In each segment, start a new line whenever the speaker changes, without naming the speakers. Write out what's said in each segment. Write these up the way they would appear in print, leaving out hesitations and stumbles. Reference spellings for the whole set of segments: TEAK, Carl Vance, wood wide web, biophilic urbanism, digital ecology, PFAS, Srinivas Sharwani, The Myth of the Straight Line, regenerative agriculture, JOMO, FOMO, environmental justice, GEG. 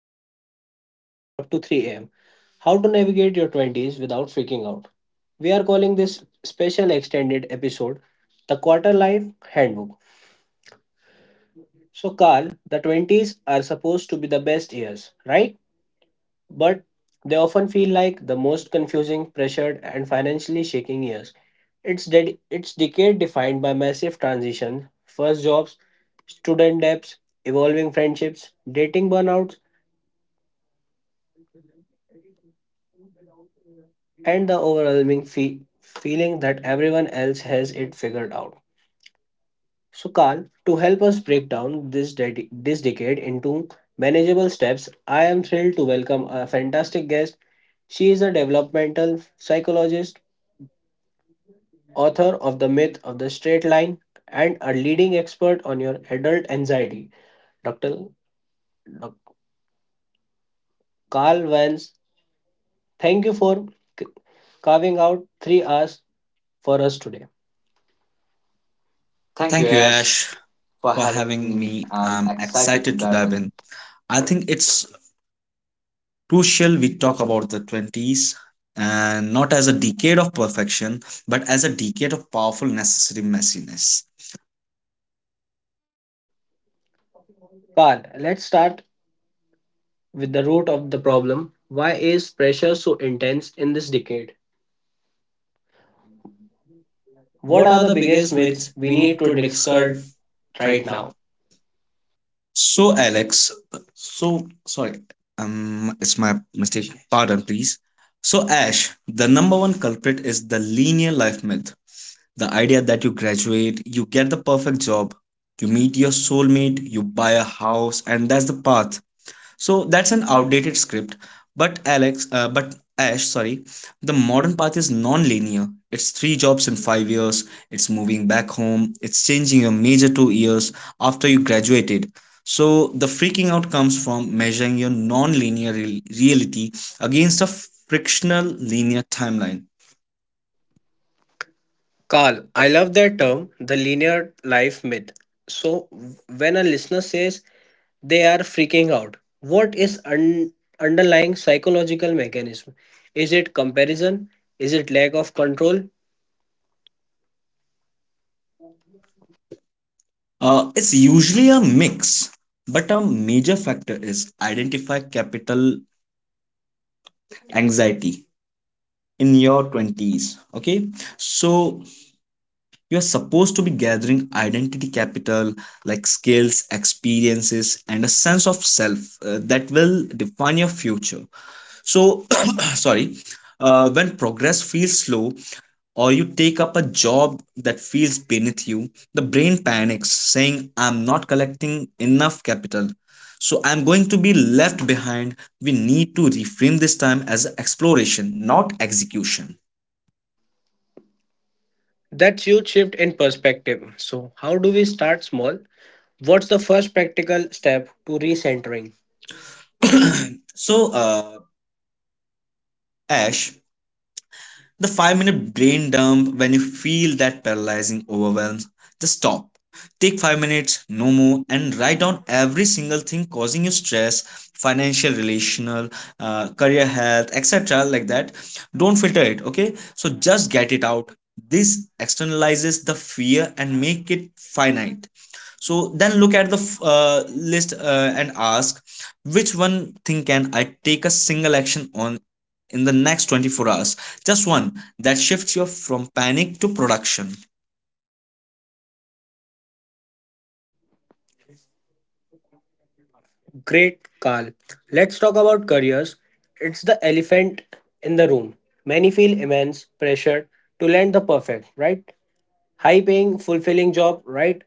of our listeners up to 3 a.m. How to navigate your 20s without freaking out. We are calling this special extended episode the Quarter Life Handbook. So, Carl, the 20s are supposed to be the best years, right? But they often feel like the most confusing, pressured, and financially shaking years. It's decade defined by massive transition, first jobs, student debts, evolving friendships, dating burnouts, and the overwhelming feeling that everyone else has it figured out. So, Carl, to help us break down this decade into manageable steps, I am thrilled to welcome a fantastic guest. She is a developmental psychologist, author of The Myth of the Straight Line, and a leading expert on your adult anxiety. Dr. Doc- Carl Vance, thank you for c- carving out 3 hours for us today. Thank you,
Thank you,
Ash,
Ash,
for
for
having
having
me.
me.
I'm
I'm
excited to
excited to
dive
dive
in.
in. I think it's crucial we talk about the 20s and not as a decade of perfection, but as a decade of powerful, necessary messiness.
Carl, let's start with the root of the problem. Why is pressure so intense in this decade? What
What?
are the biggest myths we need to discard right
Right now.
now?
So, Alex, so sorry, it's my mistake. Pardon, please. So, Ash, the number one culprit is the linear life myth. The idea that you graduate, you get the perfect job, you meet your soulmate, you buy a house, and that's the path. So that's an outdated script. But Ash, sorry, the modern path is non-linear. It's three jobs in 5 years. It's moving back home. It's changing your major 2 years after you graduated. So the freaking out comes from measuring your non-linear reality against a frictional linear timeline.
Carl, I love that term, the linear life myth. So, when a listener says they are freaking out, what is underlying psychological mechanism? Is it comparison? Is it lack of control?
It's usually a mix, but a major factor is identify capital anxiety in your 20s. Okay, so you're supposed to be gathering identity capital like skills, experiences, and a sense of self that will define your future. So, sorry, when progress feels slow, or you take up a job that feels beneath you, the brain panics, saying, I'm not collecting enough capital. So I'm going to be left behind. We need to reframe this time as exploration, not execution.
That's huge shift in perspective. So, how do we start small? What's the first practical step to recentering?
So, uh, Ash, the 5 minute brain dump when you feel that paralyzing overwhelm. Just stop. Take 5 minutes, no more, and write down every single thing causing you stress, financial, relational, career health, etc. Like that. Don't filter it, okay? So just get it out. This externalizes the fear and make it finite. So then look at the list and ask which one thing can I take a single action on in the next 24 hours, just one, that shifts you from panic to production.
Great, Carl. Let's talk about careers. It's the elephant in the room. Many feel immense pressure to land the perfect, right? High paying, fulfilling job right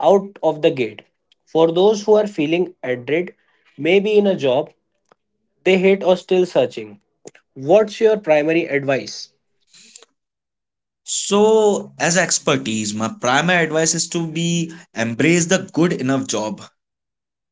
out of the gate. For those who are feeling adrift, maybe in a job they hate or still searching, what's your primary advice?
So as expertise my primary advice is to be embrace the good enough job.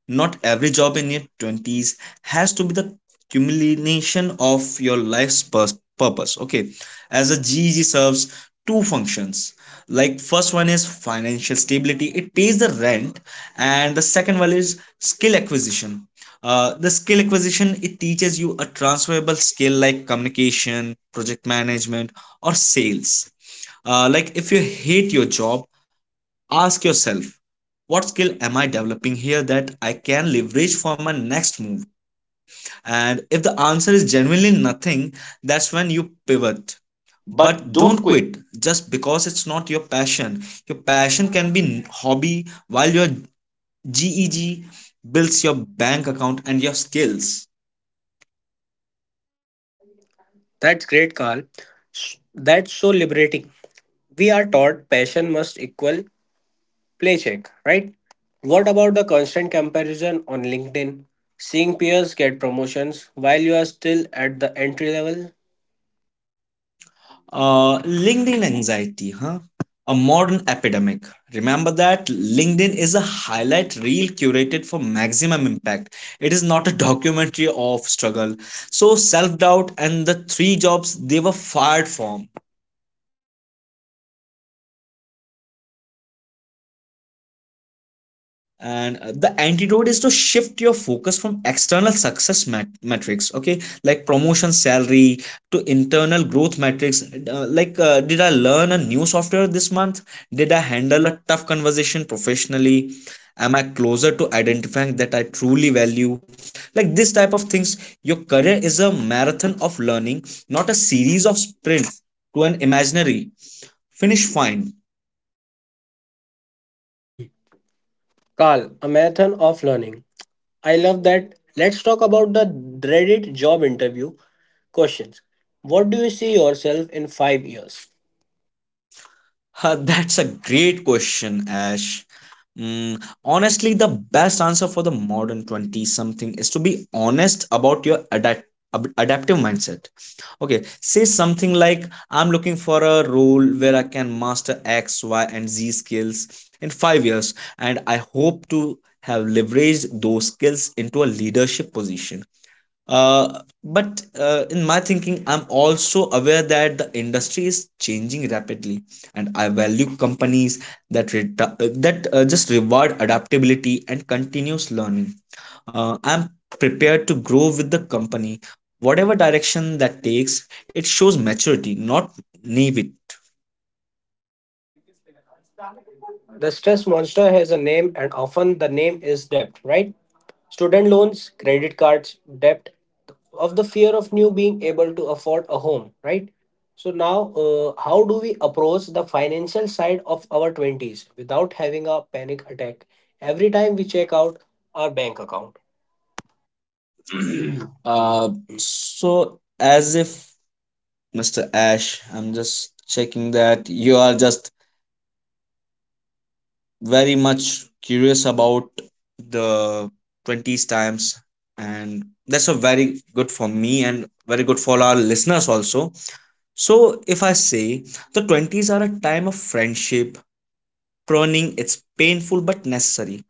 Not every job in your 20s has to be the culmination of your life's purpose. Okay, as a geg serves two functions. Like, first one is financial stability, it pays the rent, and the second one is skill acquisition. The skill acquisition, it teaches you a transferable skill like communication, project management, or sales. Like, if you hate your job, ask yourself, what skill am I developing here that I can leverage for my next move? And if the answer is genuinely nothing, that's when you pivot.
But
But don't quit just because it's not your passion. Your passion can be hobby while your GEG builds your bank account and your skills.
that's great, Carl. That's so liberating. We are taught passion must equal play check, right? What about the constant comparison on LinkedIn? Seeing peers get promotions while you are still at the entry level?
LinkedIn anxiety, huh? A modern epidemic. Remember that LinkedIn is a highlight reel curated for maximum impact. It is not a documentary of struggle. So, self doubt and the three jobs they were fired from. And the antidote is to shift your focus from external success metrics, okay, like promotion, salary, to internal growth metrics. Did I learn a new software this month? Did I handle a tough conversation professionally? Am I closer to identifying that I truly value, like this type of things? Your career is a marathon of learning, not a series of sprints to an imaginary finish fine.
Carl, a marathon of learning. I love that. Let's talk about the dreaded job interview questions. What do you see yourself in 5 years?
That's a great question, Ash. Honestly, the best answer for the modern 20 something is to be honest about your adaptive mindset. Okay, say something like, I'm looking for a role where I can master X, Y, and Z skills in 5 years, and I hope to have leveraged those skills into a leadership position. But in my thinking I'm also aware that the industry is changing rapidly and I value companies that just reward adaptability and continuous learning. I'm prepared to grow with the company whatever direction that takes. It shows maturity, not naivety.
The stress monster has a name, and often the name is debt, right? Student loans, credit cards, debt, of the fear of new being able to afford a home, right? So now, how do we approach the financial side of our 20s without having a panic attack every time we check out our bank account?
uh, so as if Mr. Ash, I'm just checking that you are just very much curious about the 20s times, and that's a very good for me and very good for our listeners also. So if I say, the 20s are a time of friendship pruning. It's painful but necessary.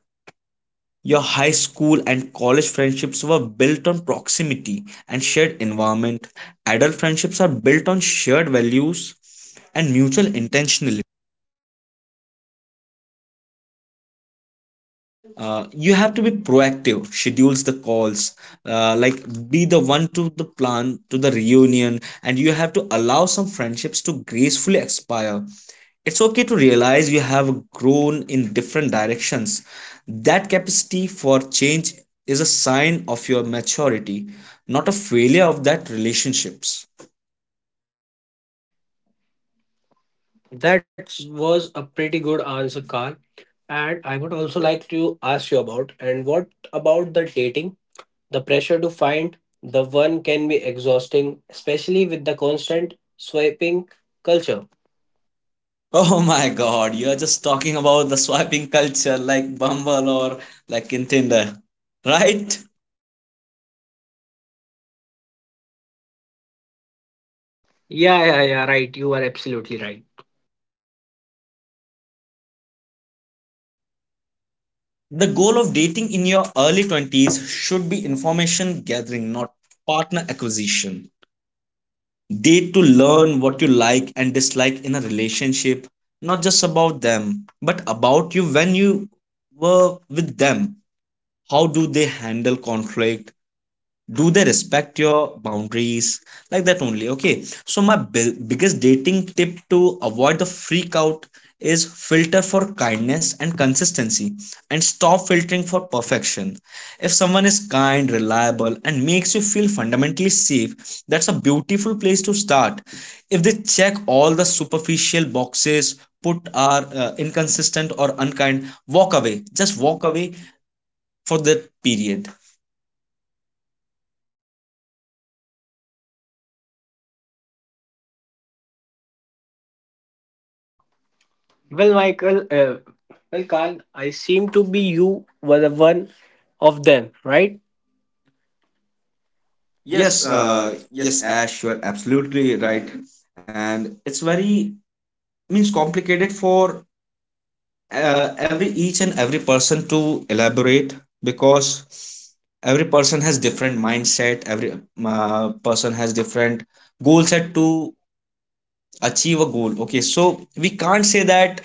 Your high school and college friendships were built on proximity and shared environment. Adult friendships are built on shared values and mutual intentionality. You have to be proactive, schedules the calls, like, be the one to the plan to the reunion, and you have to allow some friendships to gracefully expire. It's okay to realize you have grown in different directions. That capacity for change is a sign of your maturity, not a failure of that relationships.
That was a pretty good answer, Carl. And I would also like to ask you about, and what about the dating? The pressure to find the one can be exhausting, especially with the constant swiping culture.
Oh my god, you're just talking about the swiping culture, like bumble or like in tinder, right?
Yeah, yeah, yeah, right. You are absolutely right.
The goal of dating in your early 20s should be information gathering, not partner acquisition. Date to learn what you like and dislike in a relationship, not just about them, but about you when you were with them. How do they handle conflict? Do they respect your boundaries, like that only? Okay, so my biggest dating tip to avoid the freak out is filter for kindness and consistency, and stop filtering for perfection. If someone is kind, reliable, and makes you feel fundamentally safe, that's a beautiful place to start. If they check all the superficial boxes put are inconsistent or unkind, walk away, just walk away for that period.
Well, Michael, uh, well, Carl, I seem to be you were the one of them, right? Yes,
Yes,
yes.
yes, Ash, you're absolutely right. And it's very means complicated for every each and every person to elaborate, because every person has different mindset, every person has different goal set to achieve a goal. Okay, so we can't say that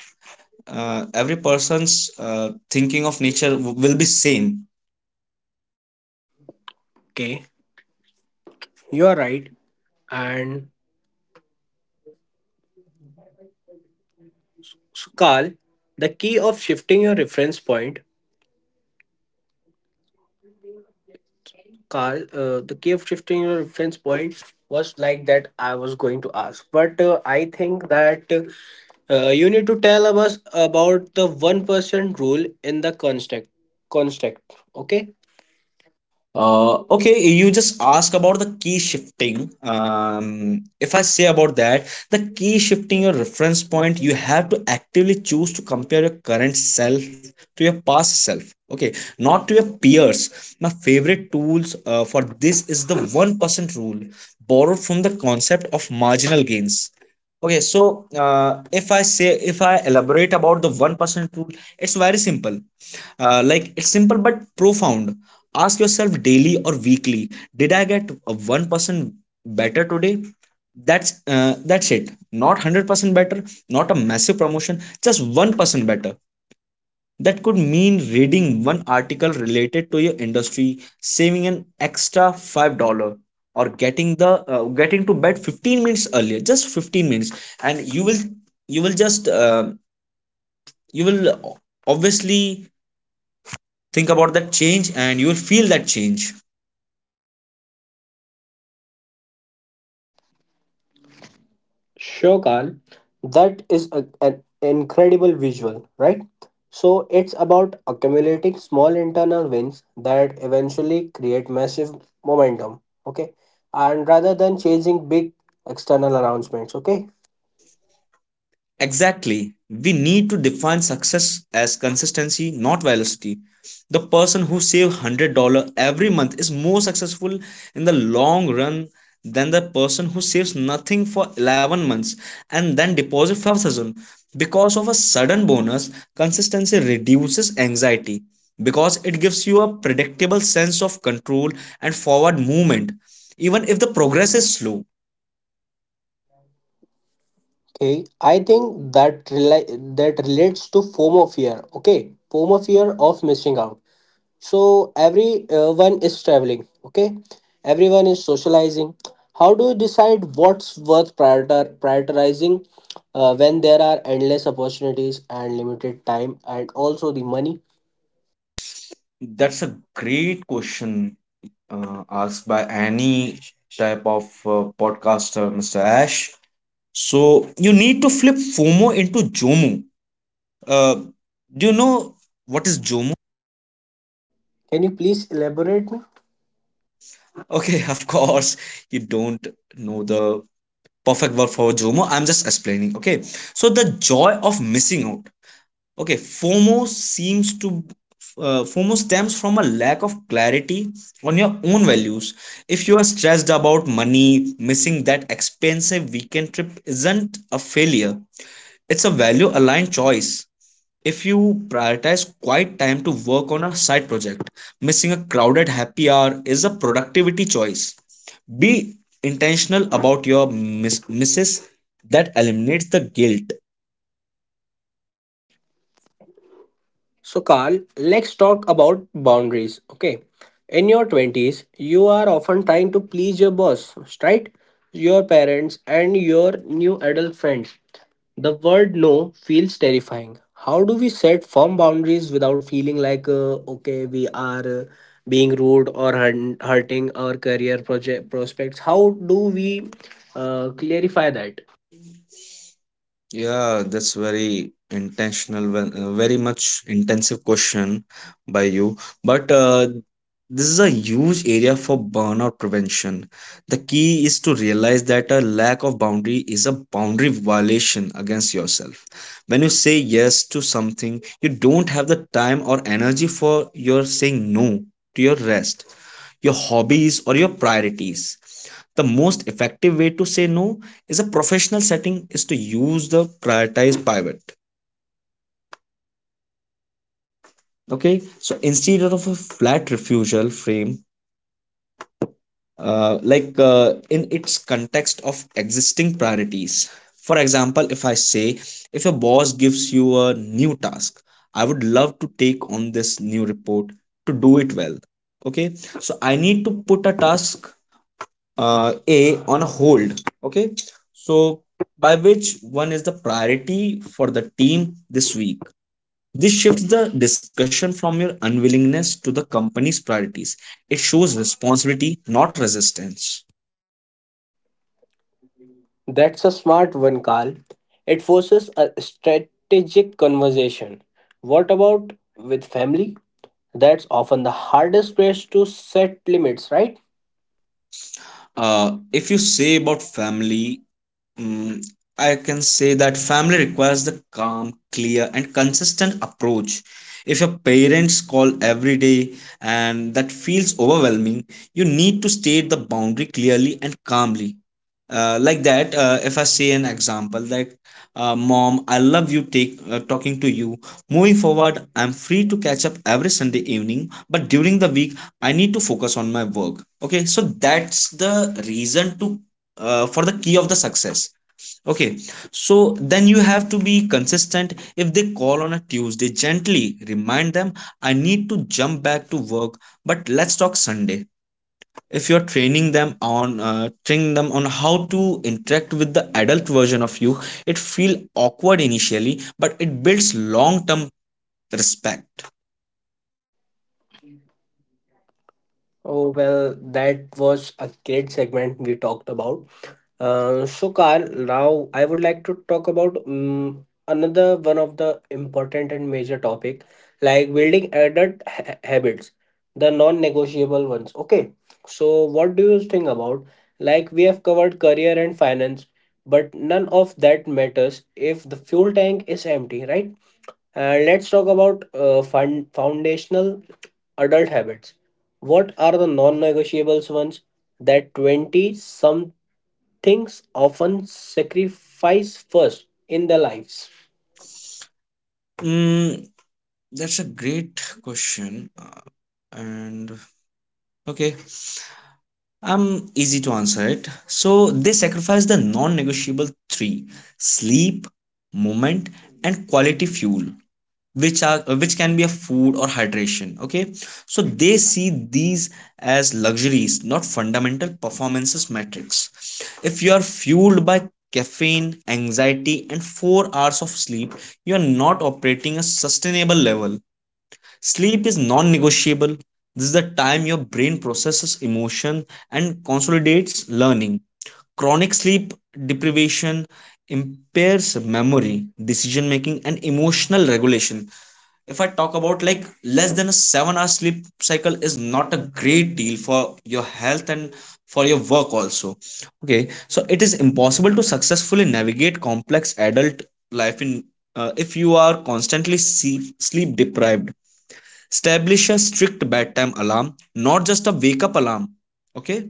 every person's thinking of nature will be same.
Okay, you are right. And so, Carl, the key of shifting your reference point Carl, the cave shifting your reference point was like that I was going to ask. But I think that you need to tell us about the 1% rule in the construct. Construct, okay?
Okay, you just ask about the key shifting. If I say about that, the key shifting your reference point, you have to actively choose to compare your current self to your past self. Okay, not to your peers. My favorite tools for this is the 1% rule, borrowed from the concept of marginal gains. Okay, so if I say, if I elaborate about the 1% rule, it's very simple. It's simple but profound. Ask yourself daily or weekly, did I get a 1% better today? That's it. Not 100% better, not a massive promotion, just 1% better. That could mean reading one article related to your industry, saving an extra $5, or getting the getting to bed 15 minutes earlier, just 15 minutes, and you will, you will just you will obviously think about that change, and you will feel that change.
Sure, Carl. That is a, an incredible visual, right? So it's about accumulating small internal wins that eventually create massive momentum, okay? And rather than chasing big external announcements, okay?
Exactly. We need to define success as consistency, not velocity. The person who saves $100 every month is more successful in the long run than the person who saves nothing for 11 months and then deposits 5,000 because of a sudden bonus. Consistency reduces anxiety because it gives you a predictable sense of control and forward movement, even if the progress is slow.
Okay, I think that that relates to FOMO fear. Okay, FOMO fear of missing out. So everyone is traveling. Okay, everyone is socializing. How do you decide what's worth prioritizing when there are endless opportunities and limited time and also the money?
That's a great question, asked by any type of podcaster, Mr. Ash. So you need to flip FOMO into JOMO. Uh, do you know what is JOMO?
Can you please elaborate me?
Okay, of course, you don't know the perfect word for JOMO. I'm just explaining. Okay, so the joy of missing out. Okay fomo seems to FOMO stems from a lack of clarity on your own values. If you are stressed about money, missing that expensive weekend trip isn't a failure, it's a value aligned choice. If you prioritize quiet time to work on a side project, missing a crowded happy hour is a productivity choice. Be intentional about your misses. That eliminates the guilt.
So, Carl, let's talk about boundaries. Okay. In your 20s, you are often trying to please your boss, right? Your parents and your new adult friends. The word no feels terrifying. How do we set firm boundaries without feeling like, okay, we are being rude or hurting our career project prospects? How do we clarify that?
Yeah, that's very intentional, very much intensive question by you. But this is a huge area for burnout prevention. The key is to realize that a lack of boundary is a boundary violation against yourself. When you say yes to something, you don't have the time or energy for, your saying no to your rest, your hobbies, or your priorities. The most effective way to say no is a professional setting is to use the prioritize pivot. Okay, so instead of a flat refusal frame, in its context of existing priorities. For example, if I say, if your boss gives you a new task, I would love to take on this new report. To do it well, okay, so I need to put a task A on hold. Okay, so by which one is the priority for the team this week? This shifts the discussion from your unwillingness to the company's priorities. It shows responsibility, not resistance.
That's a smart one, Carl. It forces a strategic conversation. What about with family? That's often the hardest place to set limits, right?
If you say about family, Mm, I can say that family requires the calm, clear, and consistent approach. If your parents call every day and that feels overwhelming, you need to state the boundary clearly and calmly. If I say an example, Mom, I love you take, talking to you. Moving forward, I'm free to catch up every Sunday evening, but during the week, I need to focus on my work. Okay, so that's the reason to for the key of the success. Okay, so then you have to be consistent. If they call on a Tuesday, gently remind them, I need to jump back to work, but let's talk Sunday. If you're training them on how to interact with the adult version of you, it feels awkward initially, but it builds long term respect.
Oh, well, that was a great segment we talked about. So, Carl, now I would like to talk about another one of the important and major topic, like building adult habits, the non-negotiable ones. Okay, so what do you think about? Like we have covered career and finance, but none of that matters if the fuel tank is empty, right? And let's talk about foundational adult habits. What are the non negotiables ones that 20 somethings often sacrifice first in their lives?
Mm, that's a great question. Uh, and okay Easy to answer it. So they sacrifice the non negotiable three: sleep, movement, and quality fuel, which can be a food or hydration. Okay. So they see these as luxuries, not fundamental performances metrics. If you are fueled by caffeine, anxiety, and 4 hours of sleep, you are not operating a sustainable level. Sleep is non negotiable. This is the time your brain processes emotion and consolidates learning. Chronic sleep deprivation impairs memory, decision making, and emotional regulation. If I talk about like less than a 7 hour sleep cycle is not a great deal for your health and for your work also. Okay, so it is impossible to successfully navigate complex adult life in if you are constantly sleep deprived. Establish a strict bedtime alarm, not just a wake up alarm. Okay.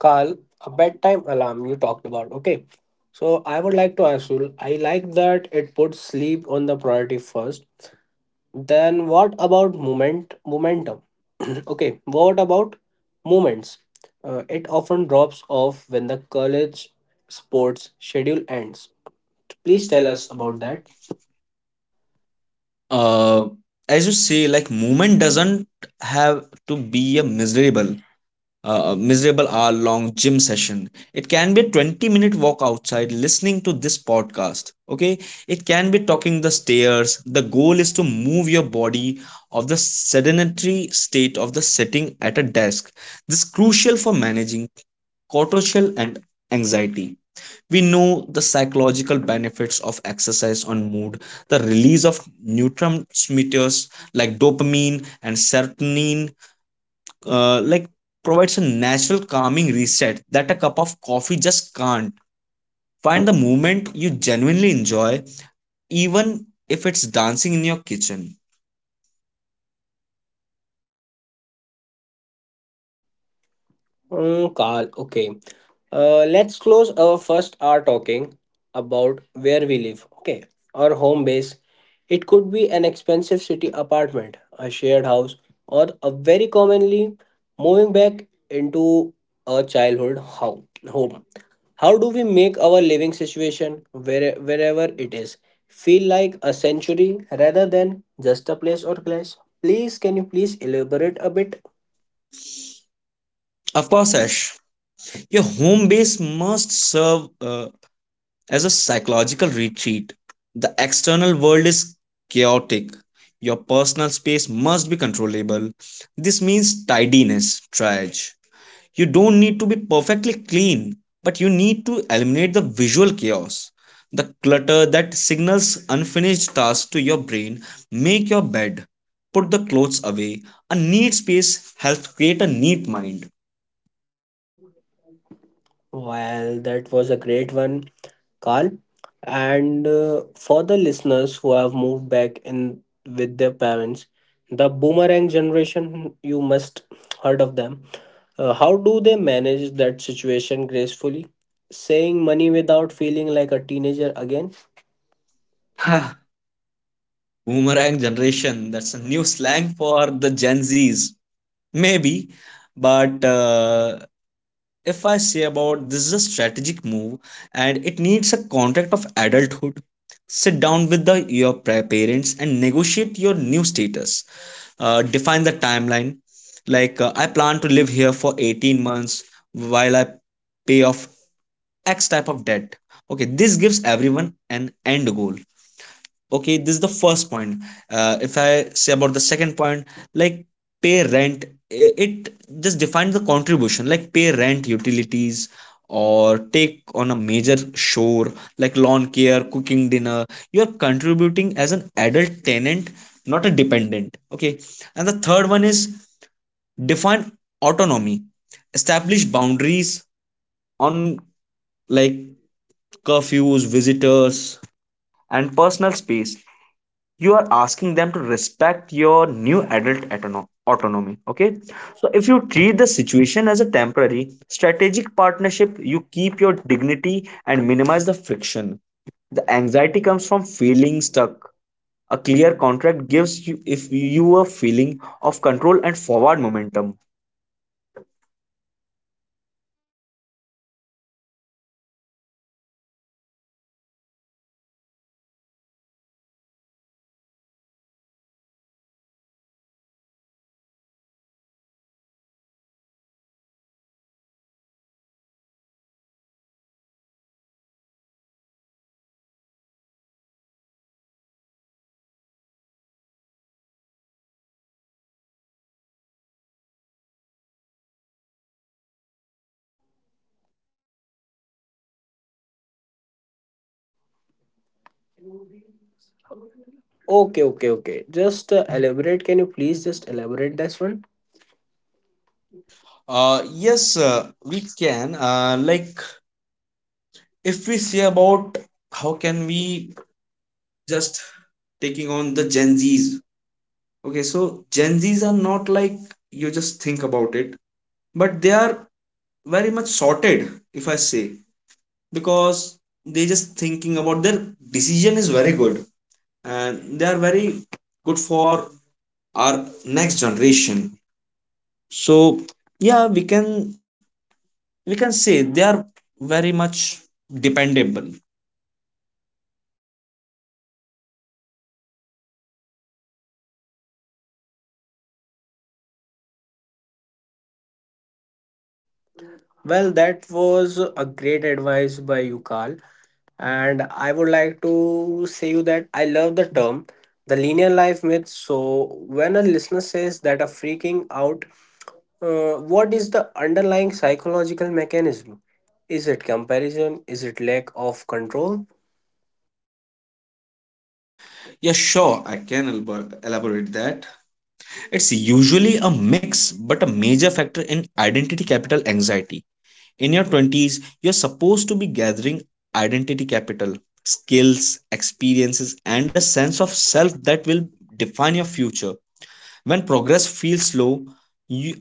Carl, a bedtime alarm you talked about. Okay. So I would like to ask you, I like that it puts sleep on the priority first. Then what about momentum? Okay, what about moments? It often drops off when the college sports schedule ends. Please
Please
tell
tell
us
us
about
about that.
that.
Uh, as you say, like movement doesn't have to be a miserable hour long gym session. It can be a 20-minute walk outside listening to this podcast. Okay. It can be talking the stairs. The goal is to move your body of the sedentary state of the sitting at a desk. This is crucial for managing cortisol and anxiety. We know the psychological benefits of exercise on mood, the release of neurotransmitters like dopamine and serotonin, like provides a natural calming reset that a cup of coffee just can't. Find the movement you genuinely enjoy, even if it's dancing in your kitchen.
Mm, Carl, okay. Let's close our first hour talking about where we live. Okay, our home base. It could be an expensive city apartment, a shared house, or a very commonly moving back into a childhood home. How do we make our living situation, wherever it is, feel like a sanctuary rather than just a place or place? Please, can you please elaborate a bit?
Of course, Ash, your home base must serve as a psychological retreat. The external world is chaotic. Your personal space must be controllable. This means tidiness, triage. You don't need to be perfectly clean, but you need to eliminate the visual chaos, the clutter that signals unfinished tasks to your brain. Make your bed, put the clothes away. A neat space helps create a neat mind.
Well, that was a great one, Carl. And for the listeners who have moved back in with their parents, the boomerang generation, you must heard of them. How do they manage that situation gracefully? Saying money without feeling like a teenager again? Ha.
Boomerang generation, that's a new slang for the Gen Zs. Maybe, but if I say about this, is a strategic move and it needs a contract of adulthood. Sit down with parents and negotiate your new status. Define the timeline. I plan to live here for 18 months while I pay off X type of debt. Okay, this gives everyone an end goal. Okay, this is the first point. If I say about the second point, like, pay rent, it just defines the contribution, like, pay rent, utilities, or take on a major chore like lawn care, cooking dinner. You are contributing as an adult tenant, not a dependent. Okay, and the third one is, define autonomy. Establish boundaries on, like, curfews, visitors, and personal space. You are asking them to respect your new adult autonomy. Okay, so if you treat the situation as a temporary strategic partnership, you keep your dignity and minimize the friction. The anxiety comes from feeling stuck. A clear contract gives you if you a feeling of control and forward momentum.
Okay, okay, okay. Just elaborate. Can you please just elaborate this one?
Uh yes uh, we can like, if we say about how can we just taking on the Gen Z's. Okay, so Gen Zs are not like you just think about it, but they are very much sorted, if I say, because they just thinking about their decision is very good and they are very good for our next generation. So yeah, we can say they are very much dependable.
Well, that was a great advice by you, Carl. And I would like to say you that I love the term the linear life myth. So when a listener says that a freaking out, what is the underlying psychological mechanism? Is it comparison? Is it lack of control?
Yeah, sure, I can elaborate that. It's usually a mix, but a major factor in identity capital anxiety. In your 20s you're supposed to be gathering identity capital, skills, experiences, and a sense of self that will define your future. When progress feels slow, you,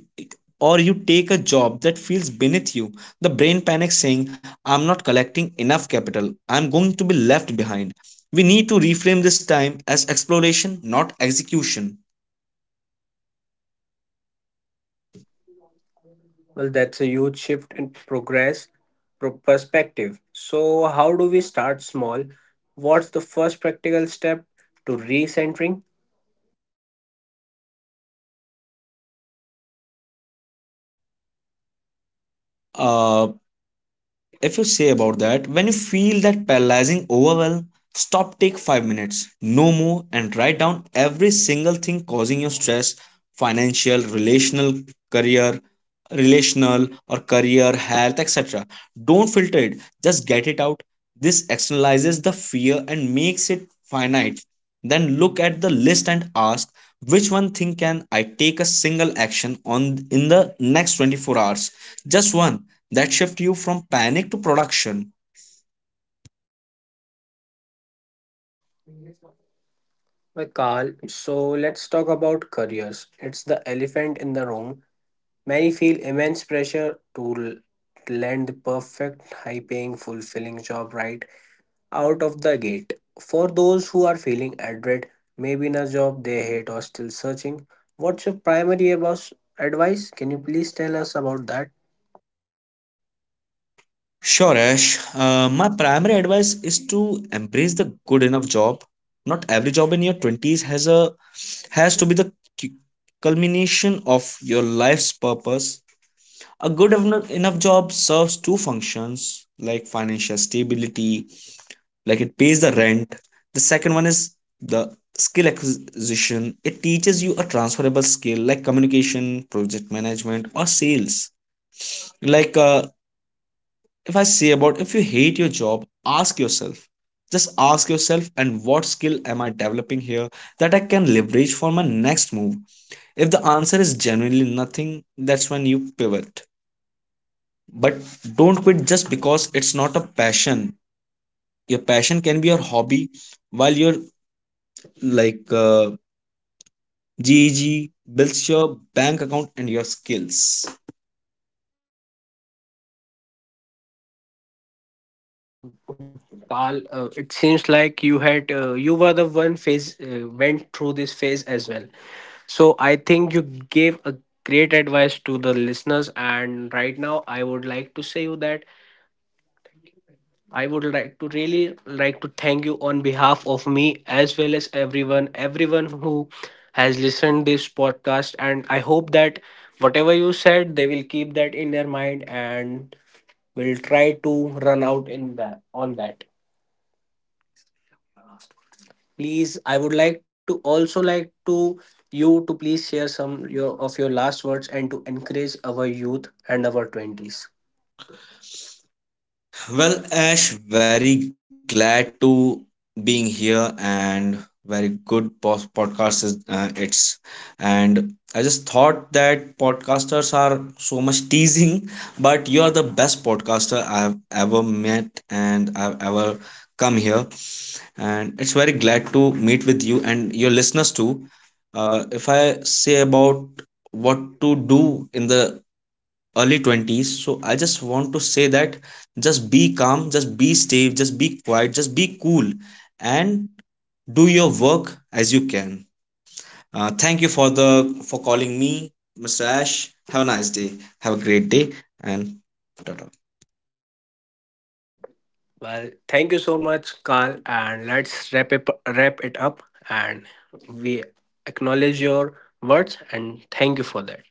or you take a job that feels beneath you, the brain panics saying, I'm not collecting enough capital, I'm going to be left behind. We need to reframe this time as exploration, not execution.
Well, that's a huge shift in perspective. So how do we start small? What's the first practical step to recentering?
uh, if you say about that, when you feel that paralyzing overwhelm, stop, take 5 minutes, no more, and write down every single thing causing your stress: financial, relational, career, relational or career, health, etc. Don't filter it, just get it out. This externalizes the fear and makes it finite. Then look at the list and ask, which one thing can I take a single action on in the next 24 hours? Just one. That shift you from panic to production.
Well, Carl, so let's talk about careers. It's the elephant in the room. Many feel immense pressure to land the perfect, high paying, fulfilling job right out of the gate. For those who are feeling adrift, maybe in a job they hate or still searching, what's your primary about advice? Can you please tell us about that?
Sure, Ash. My primary advice is to embrace the good enough job. Not every job in your 20s has to be the cu- culmination of your life's purpose. A good enough job serves two functions, like, financial stability, like it pays the rent. The second one is the skill acquisition. It teaches you a transferable skill like communication, project management, or sales. Like, if I say about, if you hate your job, ask yourself. Just ask yourself, and what skill am I developing here that I can leverage for my next move? If the answer is genuinely nothing, that's when you pivot. But don't quit just because it's not a passion. Your passion can be your hobby while your like uh, GEG builds your bank account and your skills.
Uh, well, uh, Carl, it seems like you had you were the one phase went through this phase as well. So I think you gave a great advice to the listeners and right now I would like to say you that I would like to really like to thank you on behalf of me as well as everyone who has listened this podcast and I hope that whatever you said they will keep that in their mind and will try to run out in that on that. Please, I would like to also like to you to please share some your of your last words and to encourage our youth and our 20s.
Well, Ash, very glad to being here and very good podcast is it's and I just thought that podcasters are so much teasing, but you are the best podcaster I've ever met and I've ever come here, and it's very glad to meet with you and your listeners too. If I say about what to do in the early 20s, so I just want to say that, just be calm, just be stable, just be quiet, just be cool, and do your work as you can. Thank you for the for calling me, Mr. Ash. Have a nice day, have a great day, and ta-ta.
Well, thank you so much, Carl, and let's wrap it up and we acknowledge your words and thank you for that.